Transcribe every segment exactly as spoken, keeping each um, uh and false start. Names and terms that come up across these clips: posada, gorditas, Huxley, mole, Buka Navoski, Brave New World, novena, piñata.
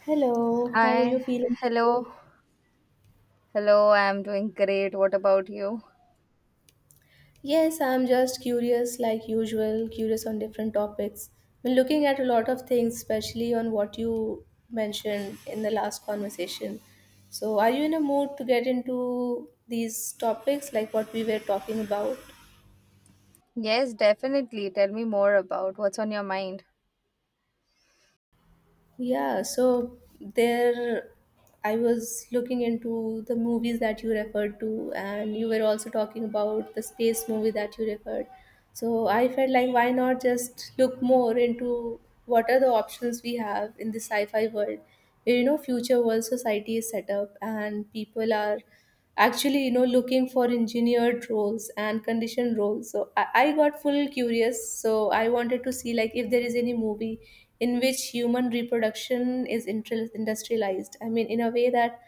Hello, how are you Hi, feeling hello, today? hello, I'm doing great. What about you? Yes, I'm just curious, like usual, curious on different topics. Been looking at a lot of things, especially on what you mentioned in the last conversation. So, are you in a mood to get into these topics, like what we were talking about? Yes, definitely. Tell me more about what's on your mind. Yeah, so there I was looking into the movies that you referred to, and you were also talking about the space movie that you referred. So I felt like why not just look more into what are the options we have in the sci-fi world, where you know future world society is set up and people are actually you know looking for engineered roles and conditioned roles, so I, I got full curious, so I wanted to see like if there is any movie in which human reproduction is inter- industrialized, I mean in a way that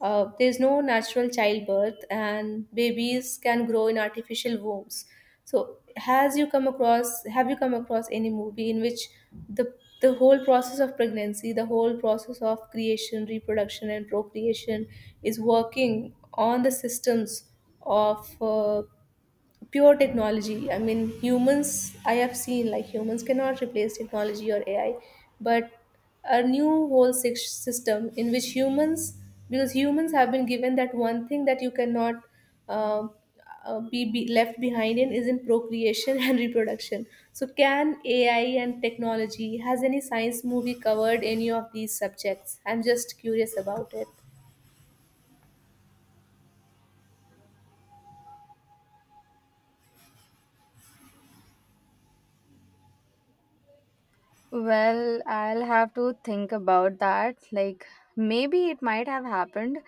uh, there's no natural childbirth, and babies can grow in artificial wombs. So, has you come across? Have you come across any movie in which the the whole process of pregnancy, the whole process of creation, reproduction, and procreation is working on the systems of uh, pure technology? I mean humans, I have seen like humans cannot replace technology or AI, but a new whole sys- system in which humans, because humans have been given that one thing that you cannot uh, uh, be, be left behind in, is in procreation and reproduction. So can AI and technology, has any science movie covered any of these subjects? I'm just curious about it. Well, I'll have to think about that. Like, maybe it might have happened.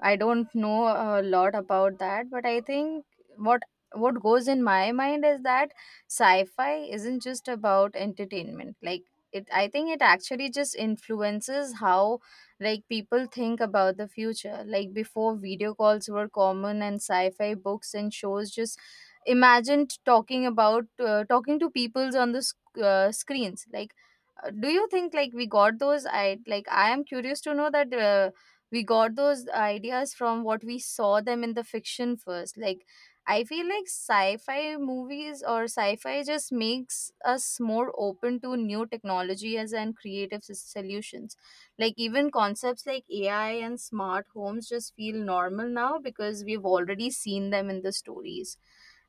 I don't know a lot about that, but I think what what goes in my mind is that sci-fi isn't just about entertainment. Like, it I think it actually just influences how like people think about the future. Like before video calls were common and sci-fi books and shows just imagined talking about uh, talking to peoples on the sc- uh, screens like uh, do you think like we got those i like i am curious to know that uh, we got those ideas from what we saw them in the fiction first. Like I feel like sci-fi movies or sci-fi just makes us more open to new technologies and creative s- solutions. Like even concepts like AI and smart homes just feel normal now because we've already seen them in the stories.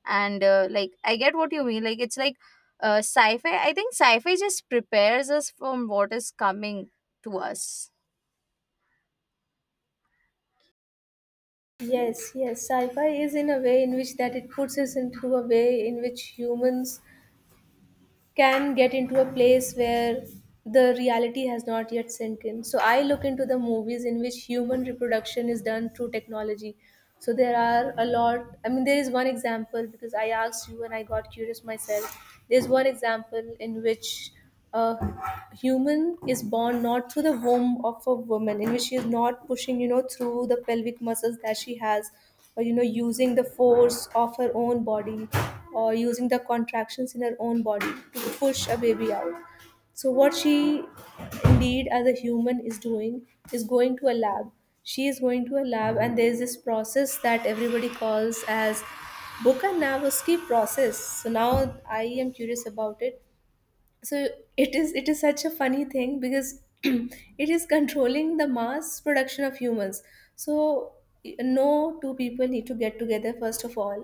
And uh, like I get what you mean. Like it's like uh, sci-fi i think sci-fi just prepares us from what is coming to us. Yes, yes. Sci-fi is in a way in which that it puts us into a way in which humans can get into a place where the reality has not yet sunk in. So I look into the movies in which human reproduction is done through technology. So there are a lot. I mean, there is one example because I asked you and I got curious myself. There's one example in which a human is born not through the womb of a woman, in which she is not pushing you know through the pelvic muscles that she has, or you know using the force of her own body, or using the contractions in her own body to push a baby out. So what she indeed as a human is doing is going to a lab. She is going to a lab and there is this process that everybody calls as Buka Navoski process. So now I am curious about it. So it is it is such a funny thing because it is controlling the mass production of humans. So no two people need to get together first of all,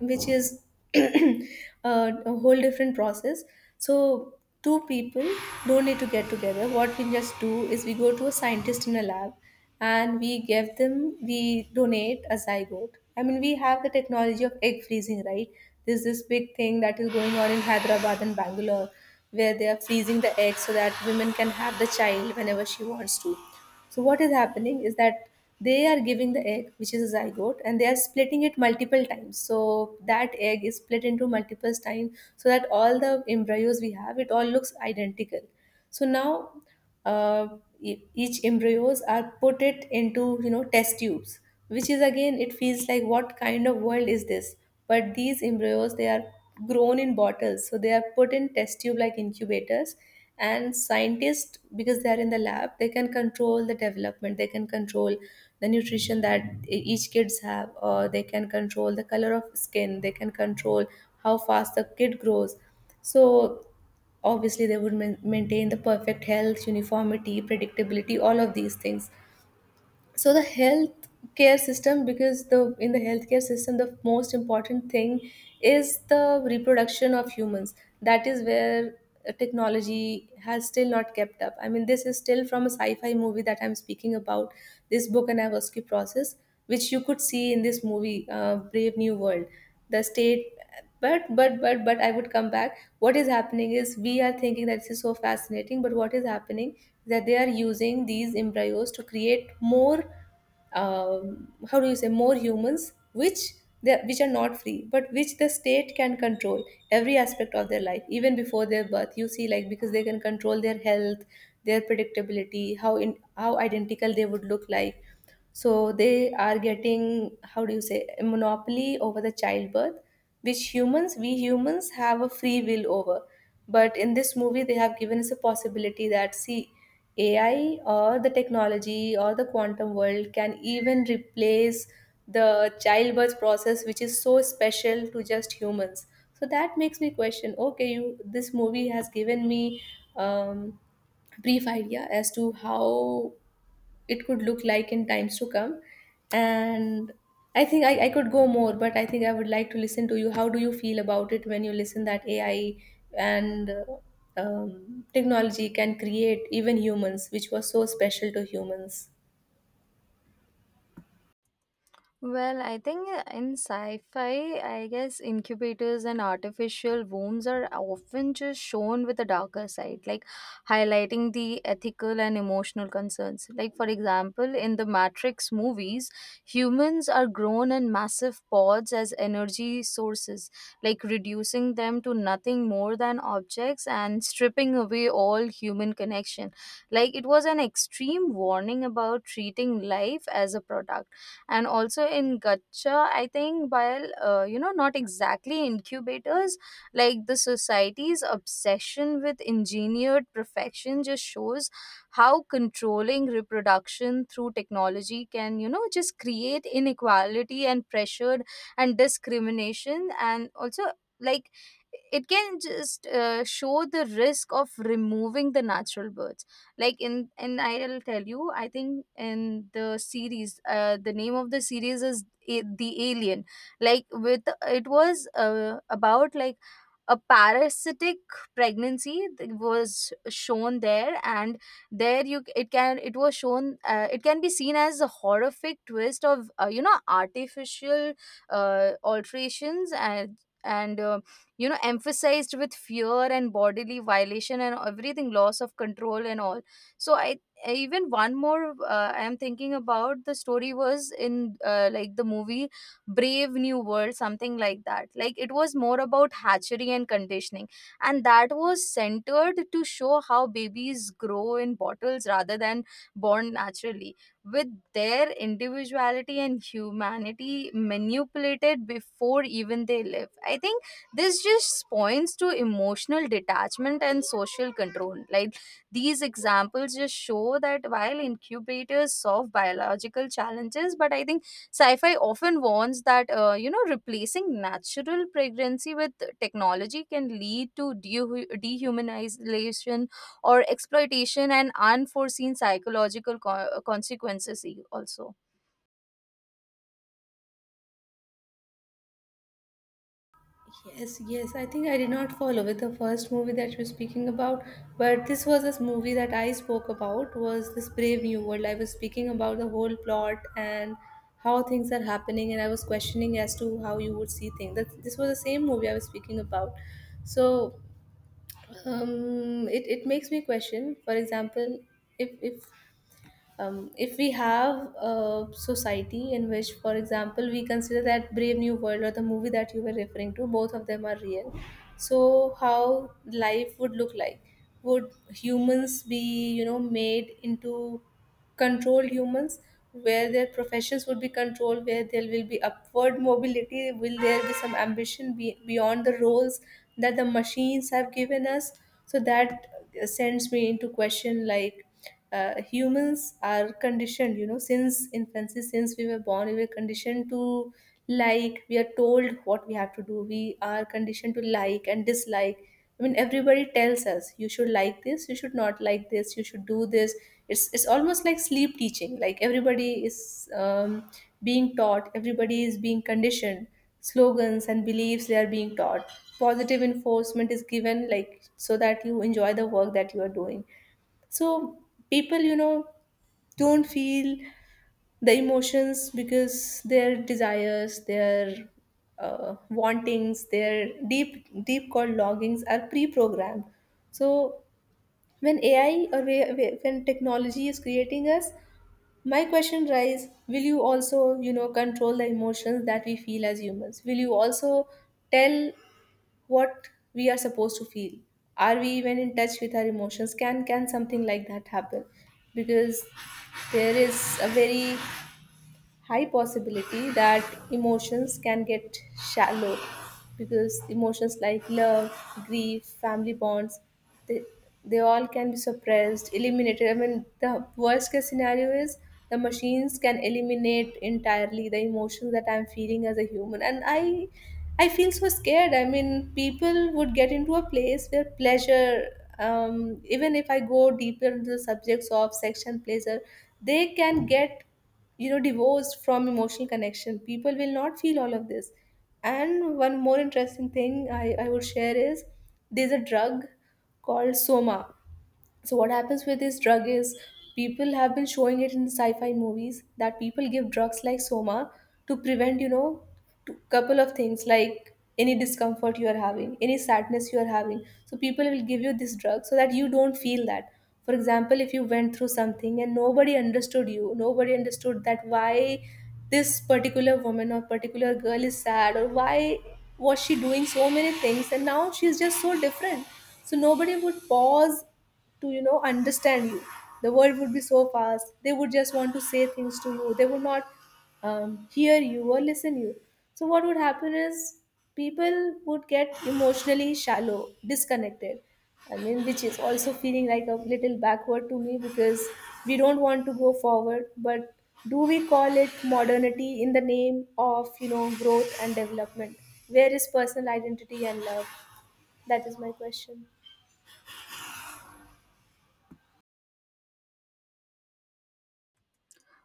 which is uh, a whole different process. So two people don't need to get together. What we just do is we go to a scientist in a lab and we give them, we donate a zygote. I mean we have the technology of egg freezing, right? There's this big thing that is going on in Hyderabad and Bangalore where they are freezing the eggs so that women can have the child whenever she wants to. So what is happening is that they are giving the egg, which is a zygote, and they are splitting it multiple times. So that egg is split into multiple times so that all the embryos we have, it all looks identical. So now uh, e- each embryos are put it into you know test tubes, which is again, it feels like what kind of world is this? But these embryos, they are grown in bottles, so they are put in test tube like incubators, and scientists, because they are in the lab, they can control the development, they can control the nutrition that e- each kids have, or they can control the color of skin, they can control how fast the kid grows. So obviously they would main maintain the perfect health, uniformity, predictability, all of these things. So the health care system, because the in the healthcare system, the most important thing is the reproduction of humans. That is where uh, technology has still not kept up. I mean this is still from a sci-fi movie that I'm speaking about. This book and process, which you could see in this movie, uh, Brave New World, the state, but but but but I would come back. What is happening is we are thinking that this is so fascinating, but what is happening is that they are using these embryos to create more, um, how do you say, more humans which, they, which are not free but which the state can control every aspect of their life even before their birth, you see, like because they can control their health, their predictability, how in how identical they would look like. So they are getting, how do you say, a monopoly over the childbirth, which humans, we humans have a free will over. But in this movie, they have given us a possibility that, see, A I or the technology or the quantum world can even replace the childbirth process, which is so special to just humans. So that makes me question, okay, you, this movie has given me um, brief idea as to how it could look like in times to come. And I think I, I could go more, but I think I would like to listen to you. How do you feel about it when you listen that A I and uh, um, technology can create even humans, which was so special to humans? Well, I think in sci fi, I guess incubators and artificial wombs are often just shown with a darker side, like highlighting the ethical and emotional concerns. Like, for example, in the Matrix movies, humans are grown in massive pods as energy sources, like reducing them to nothing more than objects and stripping away all human connection. Like, it was an extreme warning about treating life as a product. And also in gacha I think, while uh, you know, not exactly incubators, like the society's obsession with engineered perfection just shows how controlling reproduction through technology can, you know, just create inequality and pressure and discrimination. And also like it can just uh, show the risk of removing the natural birth. Like in in I'll tell you, I think in the series, uh, the name of the series is A- the alien. Like with it was uh, about like a parasitic pregnancy that was shown there. And there you c- it can, it was shown, uh, it can be seen as a horrific twist of uh, you know, artificial uh, alterations. And and uh, you know, emphasized with fear and bodily violation and everything, loss of control and all. So i I- even one more, uh, I am thinking about the story was in, uh, like the movie Brave New World, something like that. Like it was more about hatchery and conditioning, and that was centered to show how babies grow in bottles rather than born naturally, with their individuality and humanity manipulated before even they live. I think this just points to emotional detachment and social control. Like these examples just show that while incubators solve biological challenges, but I think sci fi often warns that, uh, you know, replacing natural pregnancy with technology can lead to dehu- dehumanization or exploitation and unforeseen psychological co- consequences, e- also. Yes, yes. I think I did not follow with the first movie that you're speaking about, but this was, this movie that I spoke about was this Brave New World. I was speaking about the whole plot and how things are happening, and I was questioning as to how you would see things. That this was the same movie I was speaking about. So um, it it makes me question. For example, if if um, if we have a society in which, for example, we consider that Brave New World or the movie that you were referring to, both of them are real, so how life would look like, would humans be you know made into controlled humans, where their professions would be controlled, where there will be upward mobility, will there be some ambition be- beyond the roles that the machines have given us. So that sends me into question, like uh, humans are conditioned, you know since infancy, since we were born we were conditioned to, like we are told what we have to do, we are conditioned to like and dislike. I mean everybody tells us you should like this, you should not like this, you should do this. it's it's almost like sleep teaching, like everybody is um, being taught, everybody is being conditioned. Slogans and beliefs they are being taught, positive enforcement is given, like so that you enjoy the work that you are doing. So people, you know, don't feel the emotions because their desires, their uh, wantings, their deep deep called longings are pre-programmed. So when AI or whe- whe- when technology is creating us, my question rise, will you also you know control the emotions that we feel as humans? Will you also tell what we are supposed to feel? Are we even in touch with our emotions? Can can something like that happen? Because there is a very high possibility that emotions can get shallow, because emotions like love, grief, family bonds, they, they all can be suppressed, eliminated. I mean, the worst case scenario is the machines can eliminate entirely the emotions that I'm feeling as a human. And I, I feel so scared. I mean, people would get into a place where pleasure, um, even if I go deeper into the subjects of sex and pleasure, they can get you know divorced from emotional connection, people will not feel all of this. And one more interesting thing i, I would share is, there's a drug called soma. So what happens with this drug is, people have been showing it in sci-fi movies that people give drugs like soma to prevent, you know, to couple of things like any discomfort you are having, any sadness you are having. So people will give you this drug so that you don't feel that. For example, if you went through something and nobody understood you, nobody understood that why this particular woman or particular girl is sad, or why was she doing so many things and now she's just so different. So nobody would pause to you know understand you. The world would be so fast. They would just want to say things to you. They would not um, hear you or listen you. So what would happen is people would get emotionally shallow, disconnected. I mean, which is also feeling like a little backward to me, because we don't want to go forward. But do we call it modernity in the name of you know growth and development? Where is personal identity and love? That is my question.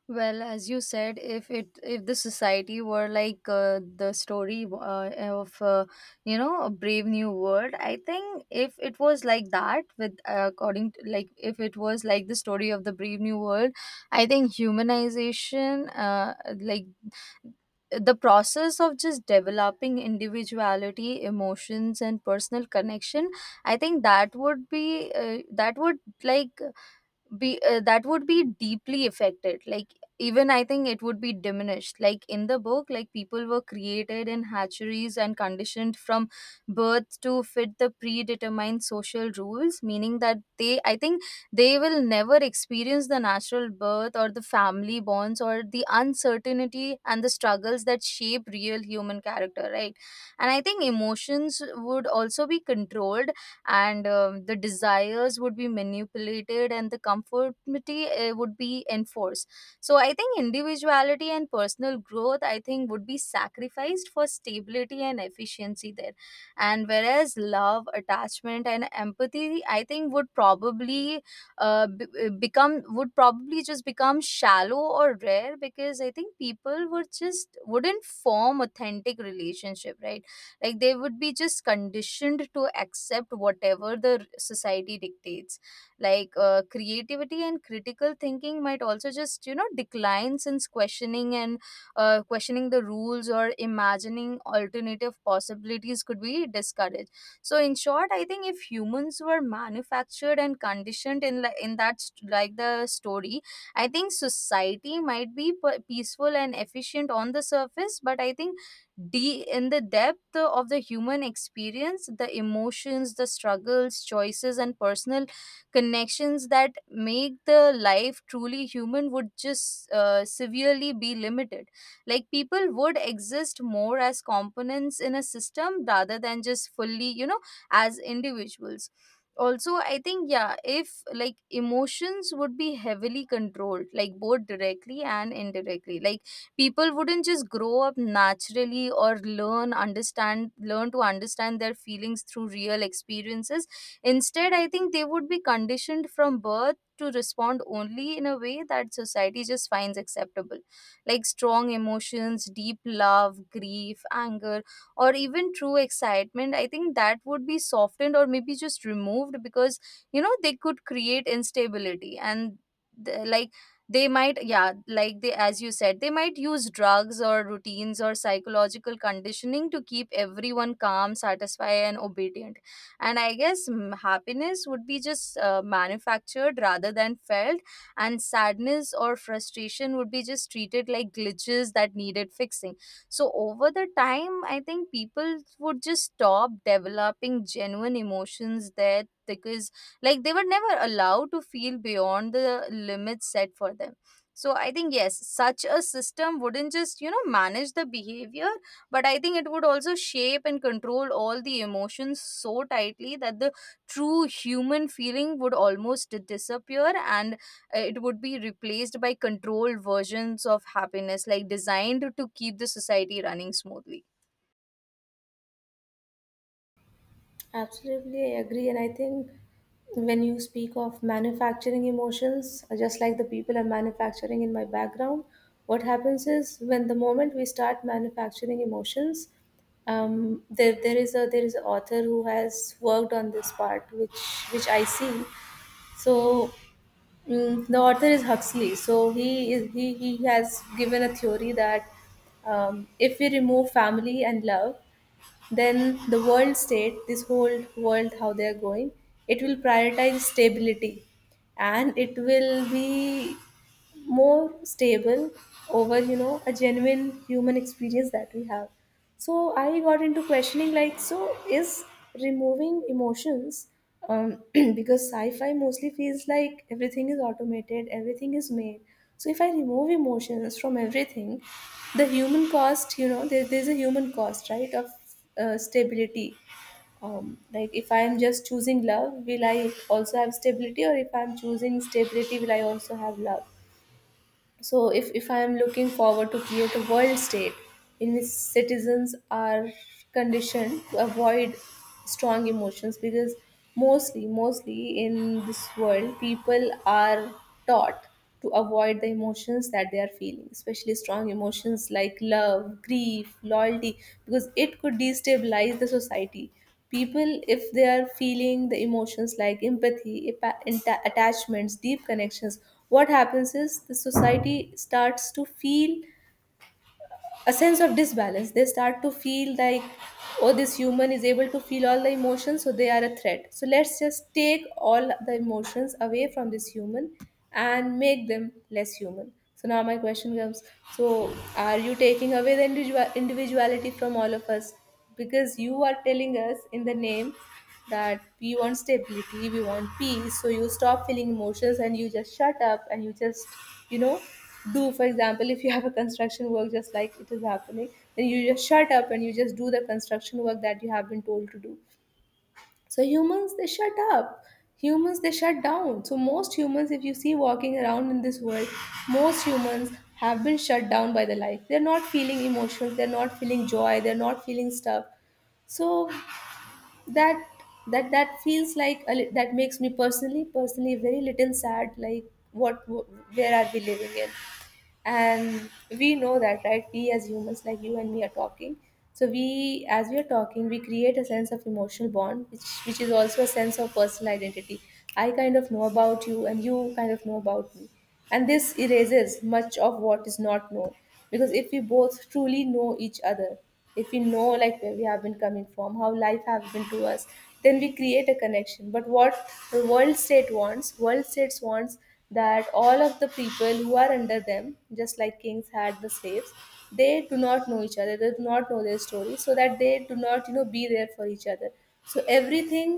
Well, as you said, if it if the society were like uh, the story uh, of uh, you know, a Brave New World, I think if it was like that with, uh, according to, like if it was like the story of the Brave New World, I think humanization uh, like the process of just developing individuality, emotions and personal connection, I think that would be uh, that would like be uh, that would be deeply affected. Like even I think it would be diminished. Like in the book, like people were created in hatcheries and conditioned from birth to fit the predetermined social rules, meaning that they, I think, they will never experience the natural birth or the family bonds or the uncertainty and the struggles that shape real human character, right? And I think emotions would also be controlled, and um, the desires would be manipulated, and the conformity uh, would be enforced. So I think individuality and personal growth, I think, would be sacrificed for stability and efficiency there. And whereas love, attachment and empathy, I think would probably uh, b- uh, become would probably just become shallow or rare, because I think people would just wouldn't form authentic relationship, right? Like they would be just conditioned to accept whatever the society dictates. Like uh, creativity and critical thinking might also just, you know, decline since questioning and uh, questioning the rules or imagining alternative possibilities could be discouraged. So in short, I think if humans were manufactured and conditioned in li- in that st- like the story, I think society might be p- peaceful and efficient on the surface, but I think de- in the depth of the human experience, the emotions, the struggles, choices and personal connections that make the life truly human would just uh, severely be limited. Like people would exist more as components in a system rather than just fully, you know, as individuals. Also I think, yeah, if like emotions would be heavily controlled, like both directly and indirectly. Like people wouldn't just grow up naturally or learn understand learn to understand their feelings through real experiences. Instead I think they would be conditioned from birth to respond only in a way that society just finds acceptable. Like strong emotions, deep love, grief, anger, or even true excitement, I think that would be softened or maybe just removed because, you know, they could create instability. And th- like they might, yeah, like they, as you said, they might use drugs or routines or psychological conditioning to keep everyone calm, satisfied and obedient. And I guess mm, happiness would be just uh, manufactured rather than felt, and sadness or frustration would be just treated like glitches that needed fixing. So over the time, I think people would just stop developing genuine emotions there, because like they were never allowed to feel beyond the limits set for them. So I think yes, such a system wouldn't just, you know, manage the behavior, but I think it would also shape and control all the emotions so tightly that the true human feeling would almost disappear. And uh, it would be replaced by controlled versions of happiness, like designed to keep the society running smoothly. Absolutely, I agree. And I think when you speak of manufacturing emotions, just like the people are manufacturing in my background, what happens is when the moment we start manufacturing emotions, um, there, there is a there is an author who has worked on this part, which which I see. So mm, the author is Huxley. So he is he he has given a theory that, um, if we remove family and love, then the world state, this whole world how they are going, it will prioritize stability, and it will be more stable over you know a genuine human experience that we have. So I got into questioning, like, so is removing emotions, um, because sci-fi mostly feels like everything is automated, everything is made. So if I remove emotions from everything, the human cost, you know there, there's a human cost, right, of uh, stability. Um, like, if I am just choosing love, will I also have stability? Or if I'm choosing stability, will I also have love? So, if, if I am looking forward to create a world state in which citizens are conditioned to avoid strong emotions, because mostly, mostly in this world, people are taught to avoid the emotions that they are feeling, especially strong emotions like love, grief, loyalty, because it could destabilize the society. People, if they are feeling the emotions like empathy, epa- atta- attachments, deep connections, what happens is the society starts to feel a sense of disbalance. They start to feel like, oh, this human is able to feel all the emotions, so they are a threat, so let's just take all the emotions away from this human and make them less human. So now my question comes, so are you taking away the individual individuality from all of us, because you are telling us in the name that we want stability, we want peace, so you stop feeling emotions and you just shut up and you just you know do, for example, if you have a construction work, just like it is happening, then you just shut up and you just do the construction work that you have been told to do. So humans, they shut up. Humans, they shut down. So most humans, if you see walking around in this world, most humans have been shut down by the life. They're not feeling emotions, they're not feeling joy, they're not feeling stuff. So that that that feels like a, li- that makes me personally personally very little sad, like, what wh- where are we living in? And we know that, right? We as humans, like you and me, are talking. So we, as we are talking, we create a sense of emotional bond, which which is also a sense of personal identity. I kind of know about you and you kind of know about me, and this erases much of what is not known. Because if we both truly know each other, if we know like where we have been coming from, how life has been to us, then we create a connection. But what the world state wants, world states wants, that all of the people who are under them, just like kings had the slaves, they do not know each other, they do not know their story, so that they do not you know be there for each other. So everything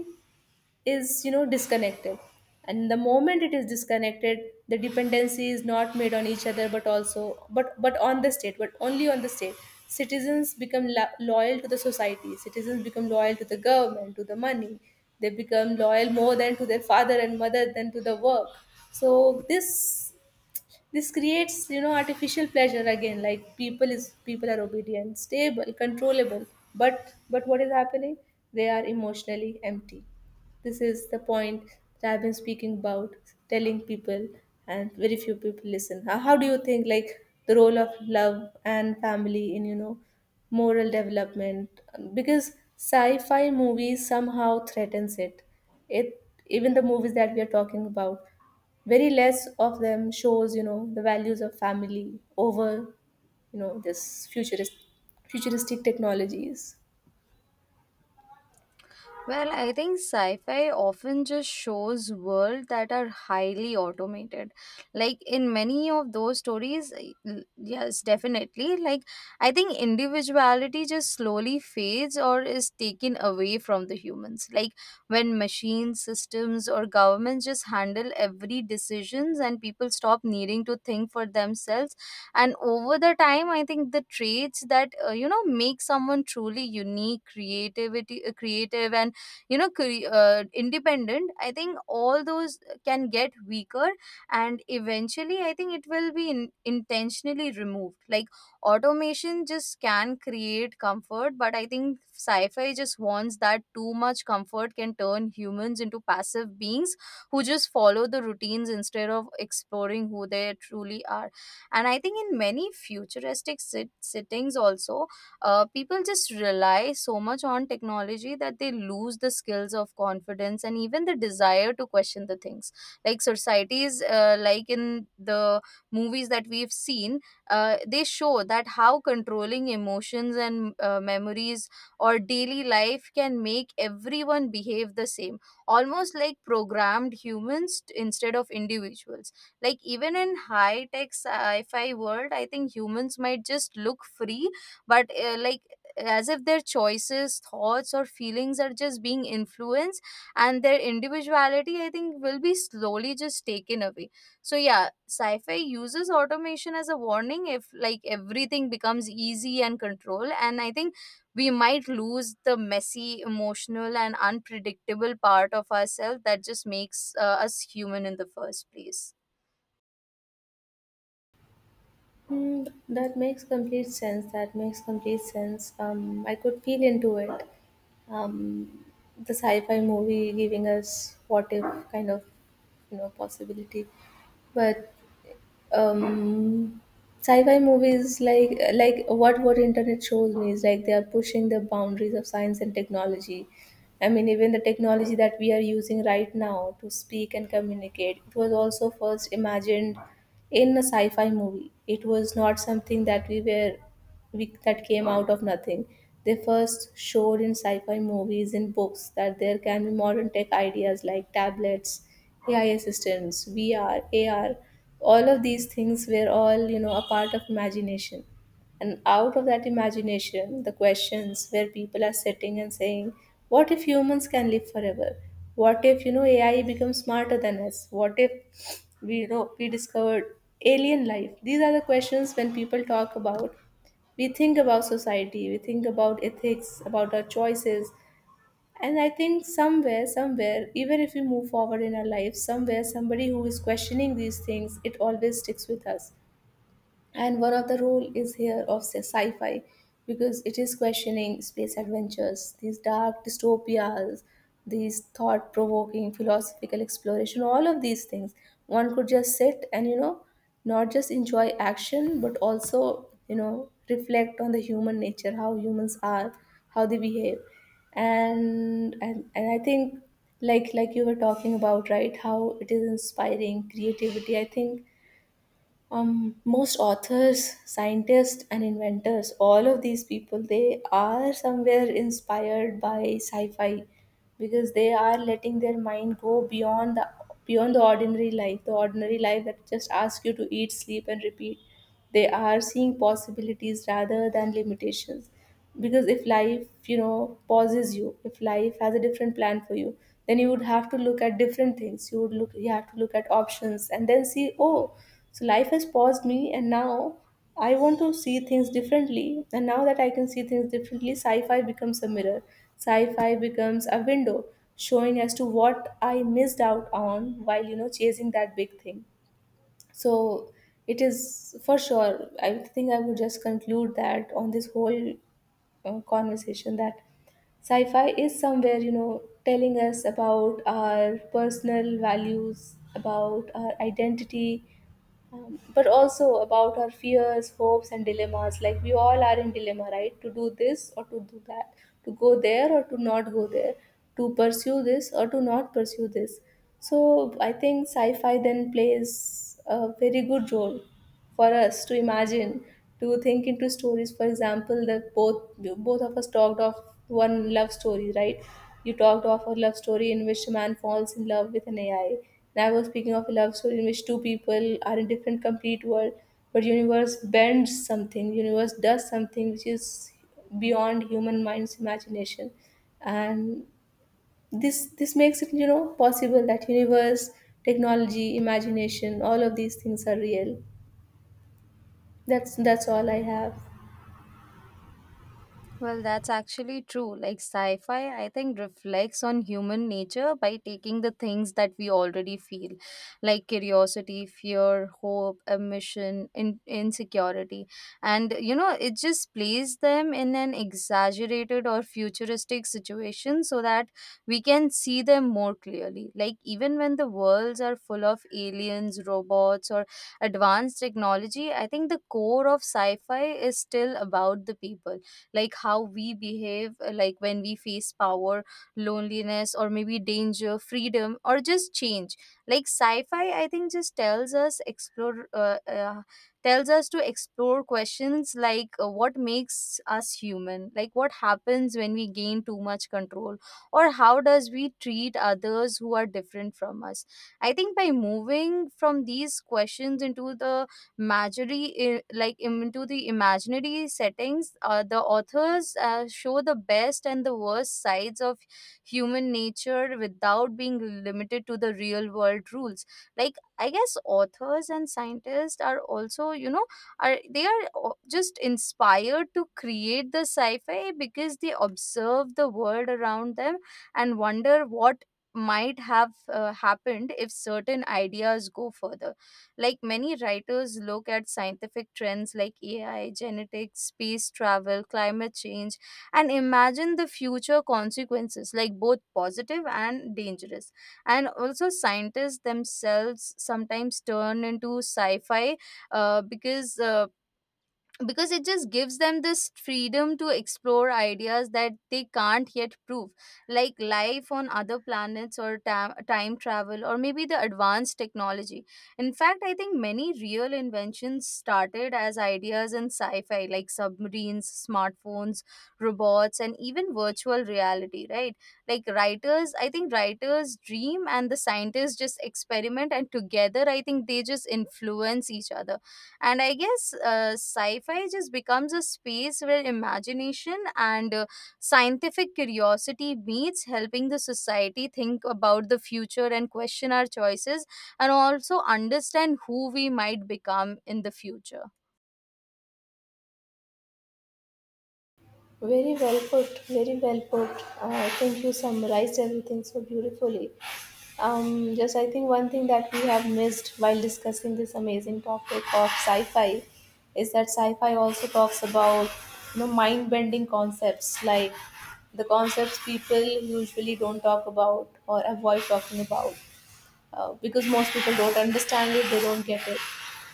is, you know disconnected. And the moment it is disconnected, the dependency is not made on each other, but also but but on the state, but only on the state. Citizens become lo- loyal to the society. Citizens become loyal to the government, to the money. They become loyal more than to their father and mother, than to the work. So this this creates, you know, artificial pleasure again. Like, people is people are obedient, stable, controllable, but but what is happening? They are emotionally empty. This is the point that I've been speaking about, telling people, and very few people listen. How, how do you think like the role of love and family in, you know, moral development? Because sci-fi movies somehow threatens it. It Even the movies that we are talking about, very less of them shows, you know, the values of family over, you know, this futurist futuristic technologies. Well, I think sci-fi often just shows world that are highly automated. Like in many of those stories, I- l- yes, definitely. Like I think individuality just slowly fades or is taken away from the humans. Like when machines, systems, or governments just handle every decisions and people stop needing to think for themselves. And over the time, I think the traits that uh, you know, make someone truly unique, creativity, uh, creative, and you know, cre- uh, independent, I think all those can get weaker and eventually I think it will be in- intentionally removed. Like automation just can create comfort, but I think sci-fi just wants that too much comfort can turn humans into passive beings who just follow the routines instead of exploring who they truly are. And I think in many futuristic sit- sittings also, uh, people just rely so much on technology that they lose the skills of confidence and even the desire to question the things. Like societies uh, like in the movies that we've seen, uh, they show that how controlling emotions and uh, memories or daily life can make everyone behave the same, almost like programmed humans t- instead of individuals. Like even in high tech sci-fi world, I think humans might just look free, but uh, like as if their choices, thoughts or feelings are just being influenced, and their individuality I think will be slowly just taken away. So yeah, sci-fi uses automation as a warning. If like everything becomes easy and control, and I think we might lose the messy, emotional and unpredictable part of ourselves that just makes uh, us human in the first place. Hmm, that makes complete sense. That makes complete sense. Um, I could feel into it. Um, the sci-fi movie giving us, what if, kind of, you know, possibility. But, um sci-fi movies, like like what what internet shows me is like they are pushing the boundaries of science and technology. I mean, even the technology that we are using right now to speak and communicate, it was also first imagined in a sci-fi movie. It was not something that we were we, that came out of nothing. They first showed in sci fi movies, in books, that there can be modern tech ideas like tablets, A I assistants, V R, A R. All of these things were all, you know, a part of imagination. And out of that imagination, the questions, where people are sitting and saying, what if humans can live forever? What if, you know, A I becomes smarter than us? What if we, you know, we discovered alien life? These are the questions. When people talk about, we think about society, we think about ethics, about our choices. And I think somewhere somewhere, even if we move forward in our life, somewhere somebody who is questioning these things, it always sticks with us. And one of the role is here of sci- sci-fi, because it is questioning, space adventures, these dark dystopias, these thought-provoking philosophical exploration, all of these things. One could just sit and, you know, not just enjoy action, but also, you know, reflect on the human nature, how humans are, how they behave. And and, and I think, like like you were talking about, right, how it is inspiring creativity. I think, um, most authors, scientists and inventors, all of these people, they are somewhere inspired by sci-fi, because they are letting their mind go beyond the beyond the ordinary life, the ordinary life that just asks you to eat, sleep and repeat. They are seeing possibilities rather than limitations. Because if life, you know, pauses you, if life has a different plan for you, then you would have to look at different things. You would look you have to look at options and then see, oh, so life has paused me, and now I want to see things differently. And now that I can see things differently, sci-fi becomes a mirror. Sci-fi becomes a window, showing as to what I missed out on while, you know, chasing that big thing. So it is for sure. I think I would just conclude that on this whole uh, conversation, that sci-fi is somewhere, you know, telling us about our personal values, about our identity, um, but also about our fears, hopes and dilemmas. Like, we all are in dilemma, right, to do this or to do that, to go there or to not go there, to pursue this or to not pursue this. So I think sci-fi then plays a very good role for us to imagine, to think into stories, for example, that both both of us talked of one love story, right. You talked of a love story in which a man falls in love with an ai, and I was speaking of a love story in which two people are in different complete world, but universe bends something, universe does something which is beyond human mind's imagination. And this this makes it, you know, possible that universe, technology, imagination, all of these things are real. That's that's all I have. Well, that's actually true. Like sci fi, I think, reflects on human nature by taking the things that we already feel, like curiosity, fear, hope, ambition, in- insecurity. And, you know, it just plays them in an exaggerated or futuristic situation so that we can see them more clearly. Like, even when the worlds are full of aliens, robots, or advanced technology, I think the core of sci fi is still about the people, like how we behave, uh, like when we face power, loneliness, or maybe danger, freedom, or just change. Like sci-fi I think just tells us explore uh, uh, tells us to explore questions like, uh, what makes us human, like what happens when we gain too much control, or how does we treat others who are different from us. I think by moving from these questions into the imaginary, i- like im- into the imaginary settings, uh, the authors uh, show the best and the worst sides of human nature without being limited to the real world rules. Like I guess authors and scientists are also, you know, are they are o- just inspired to create the sci-fi because they observe the world around them and wonder what might have uh, happened if certain ideas go further. Like many writers look at scientific trends like A I, genetics, space travel, climate change, and imagine the future consequences, like both positive and dangerous. And also, scientists themselves sometimes turn into sci fi uh, because. Uh, because it just gives them this freedom to explore ideas that they can't yet prove, like life on other planets or ta- time travel, or maybe the advanced technology. In fact, I think many real inventions started as ideas in sci-fi, like submarines, smartphones, robots and even virtual reality, right? Like writers, I think writers dream and the scientists just experiment, and together I think they just influence each other. And I guess uh, sci-fi just becomes a space where imagination and uh, scientific curiosity meets, helping the society think about the future and question our choices and also understand who we might become in the future. Very well put, very well put. Uh, I think you summarized everything so beautifully. Um, just, I think one thing that we have missed while discussing this amazing topic of sci-fi is that sci-fi also talks about, you know, mind-bending concepts, like the concepts people usually don't talk about or avoid talking about, uh, because most people don't understand it, they don't get it.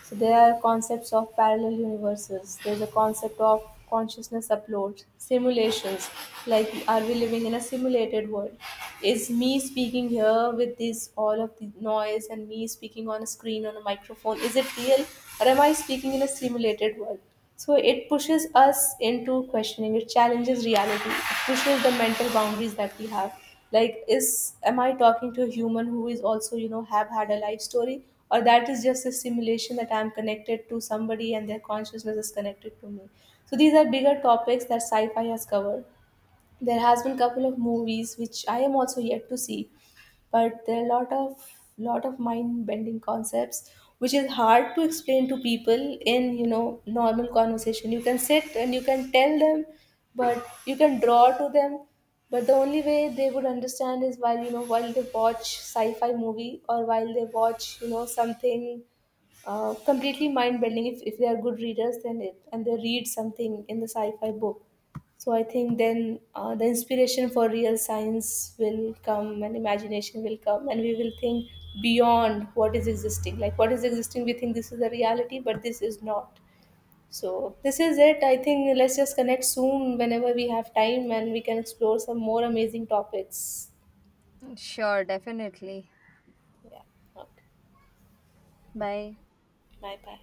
So there are concepts of parallel universes. There's a concept of consciousness uploads, simulations. Like, are we living in a simulated world? Is me speaking here with this all of the noise and me speaking on a screen on a microphone, is it real, or am I speaking in a simulated world? So it pushes us into questioning. It challenges reality. It pushes the mental boundaries that we have, like, is, am I talking to a human who is also, you know, have had a life story, or that is just a simulation that I'm connected to somebody and their consciousness is connected to me? So these are bigger topics that sci-fi has covered. There has been couple of movies which I am also yet to see. But there are a lot of lot of mind bending concepts, which is hard to explain to people in, you know, normal conversation. You can sit and you can tell them, but you can draw to them. But the only way they would understand is while, you know, while they watch sci-fi movie, or while they watch, you know, something uh, completely mind bending. If, if they are good readers, then it, and they read something in the sci-fi book. So I think then, uh, the inspiration for real science will come and imagination will come, and we will think beyond what is existing. Like, what is existing, we think this is the reality, but this is not. So this is it. I think let's just connect soon whenever we have time, and we can explore some more amazing topics. Sure, definitely. Yeah. Okay. Bye. Bye bye.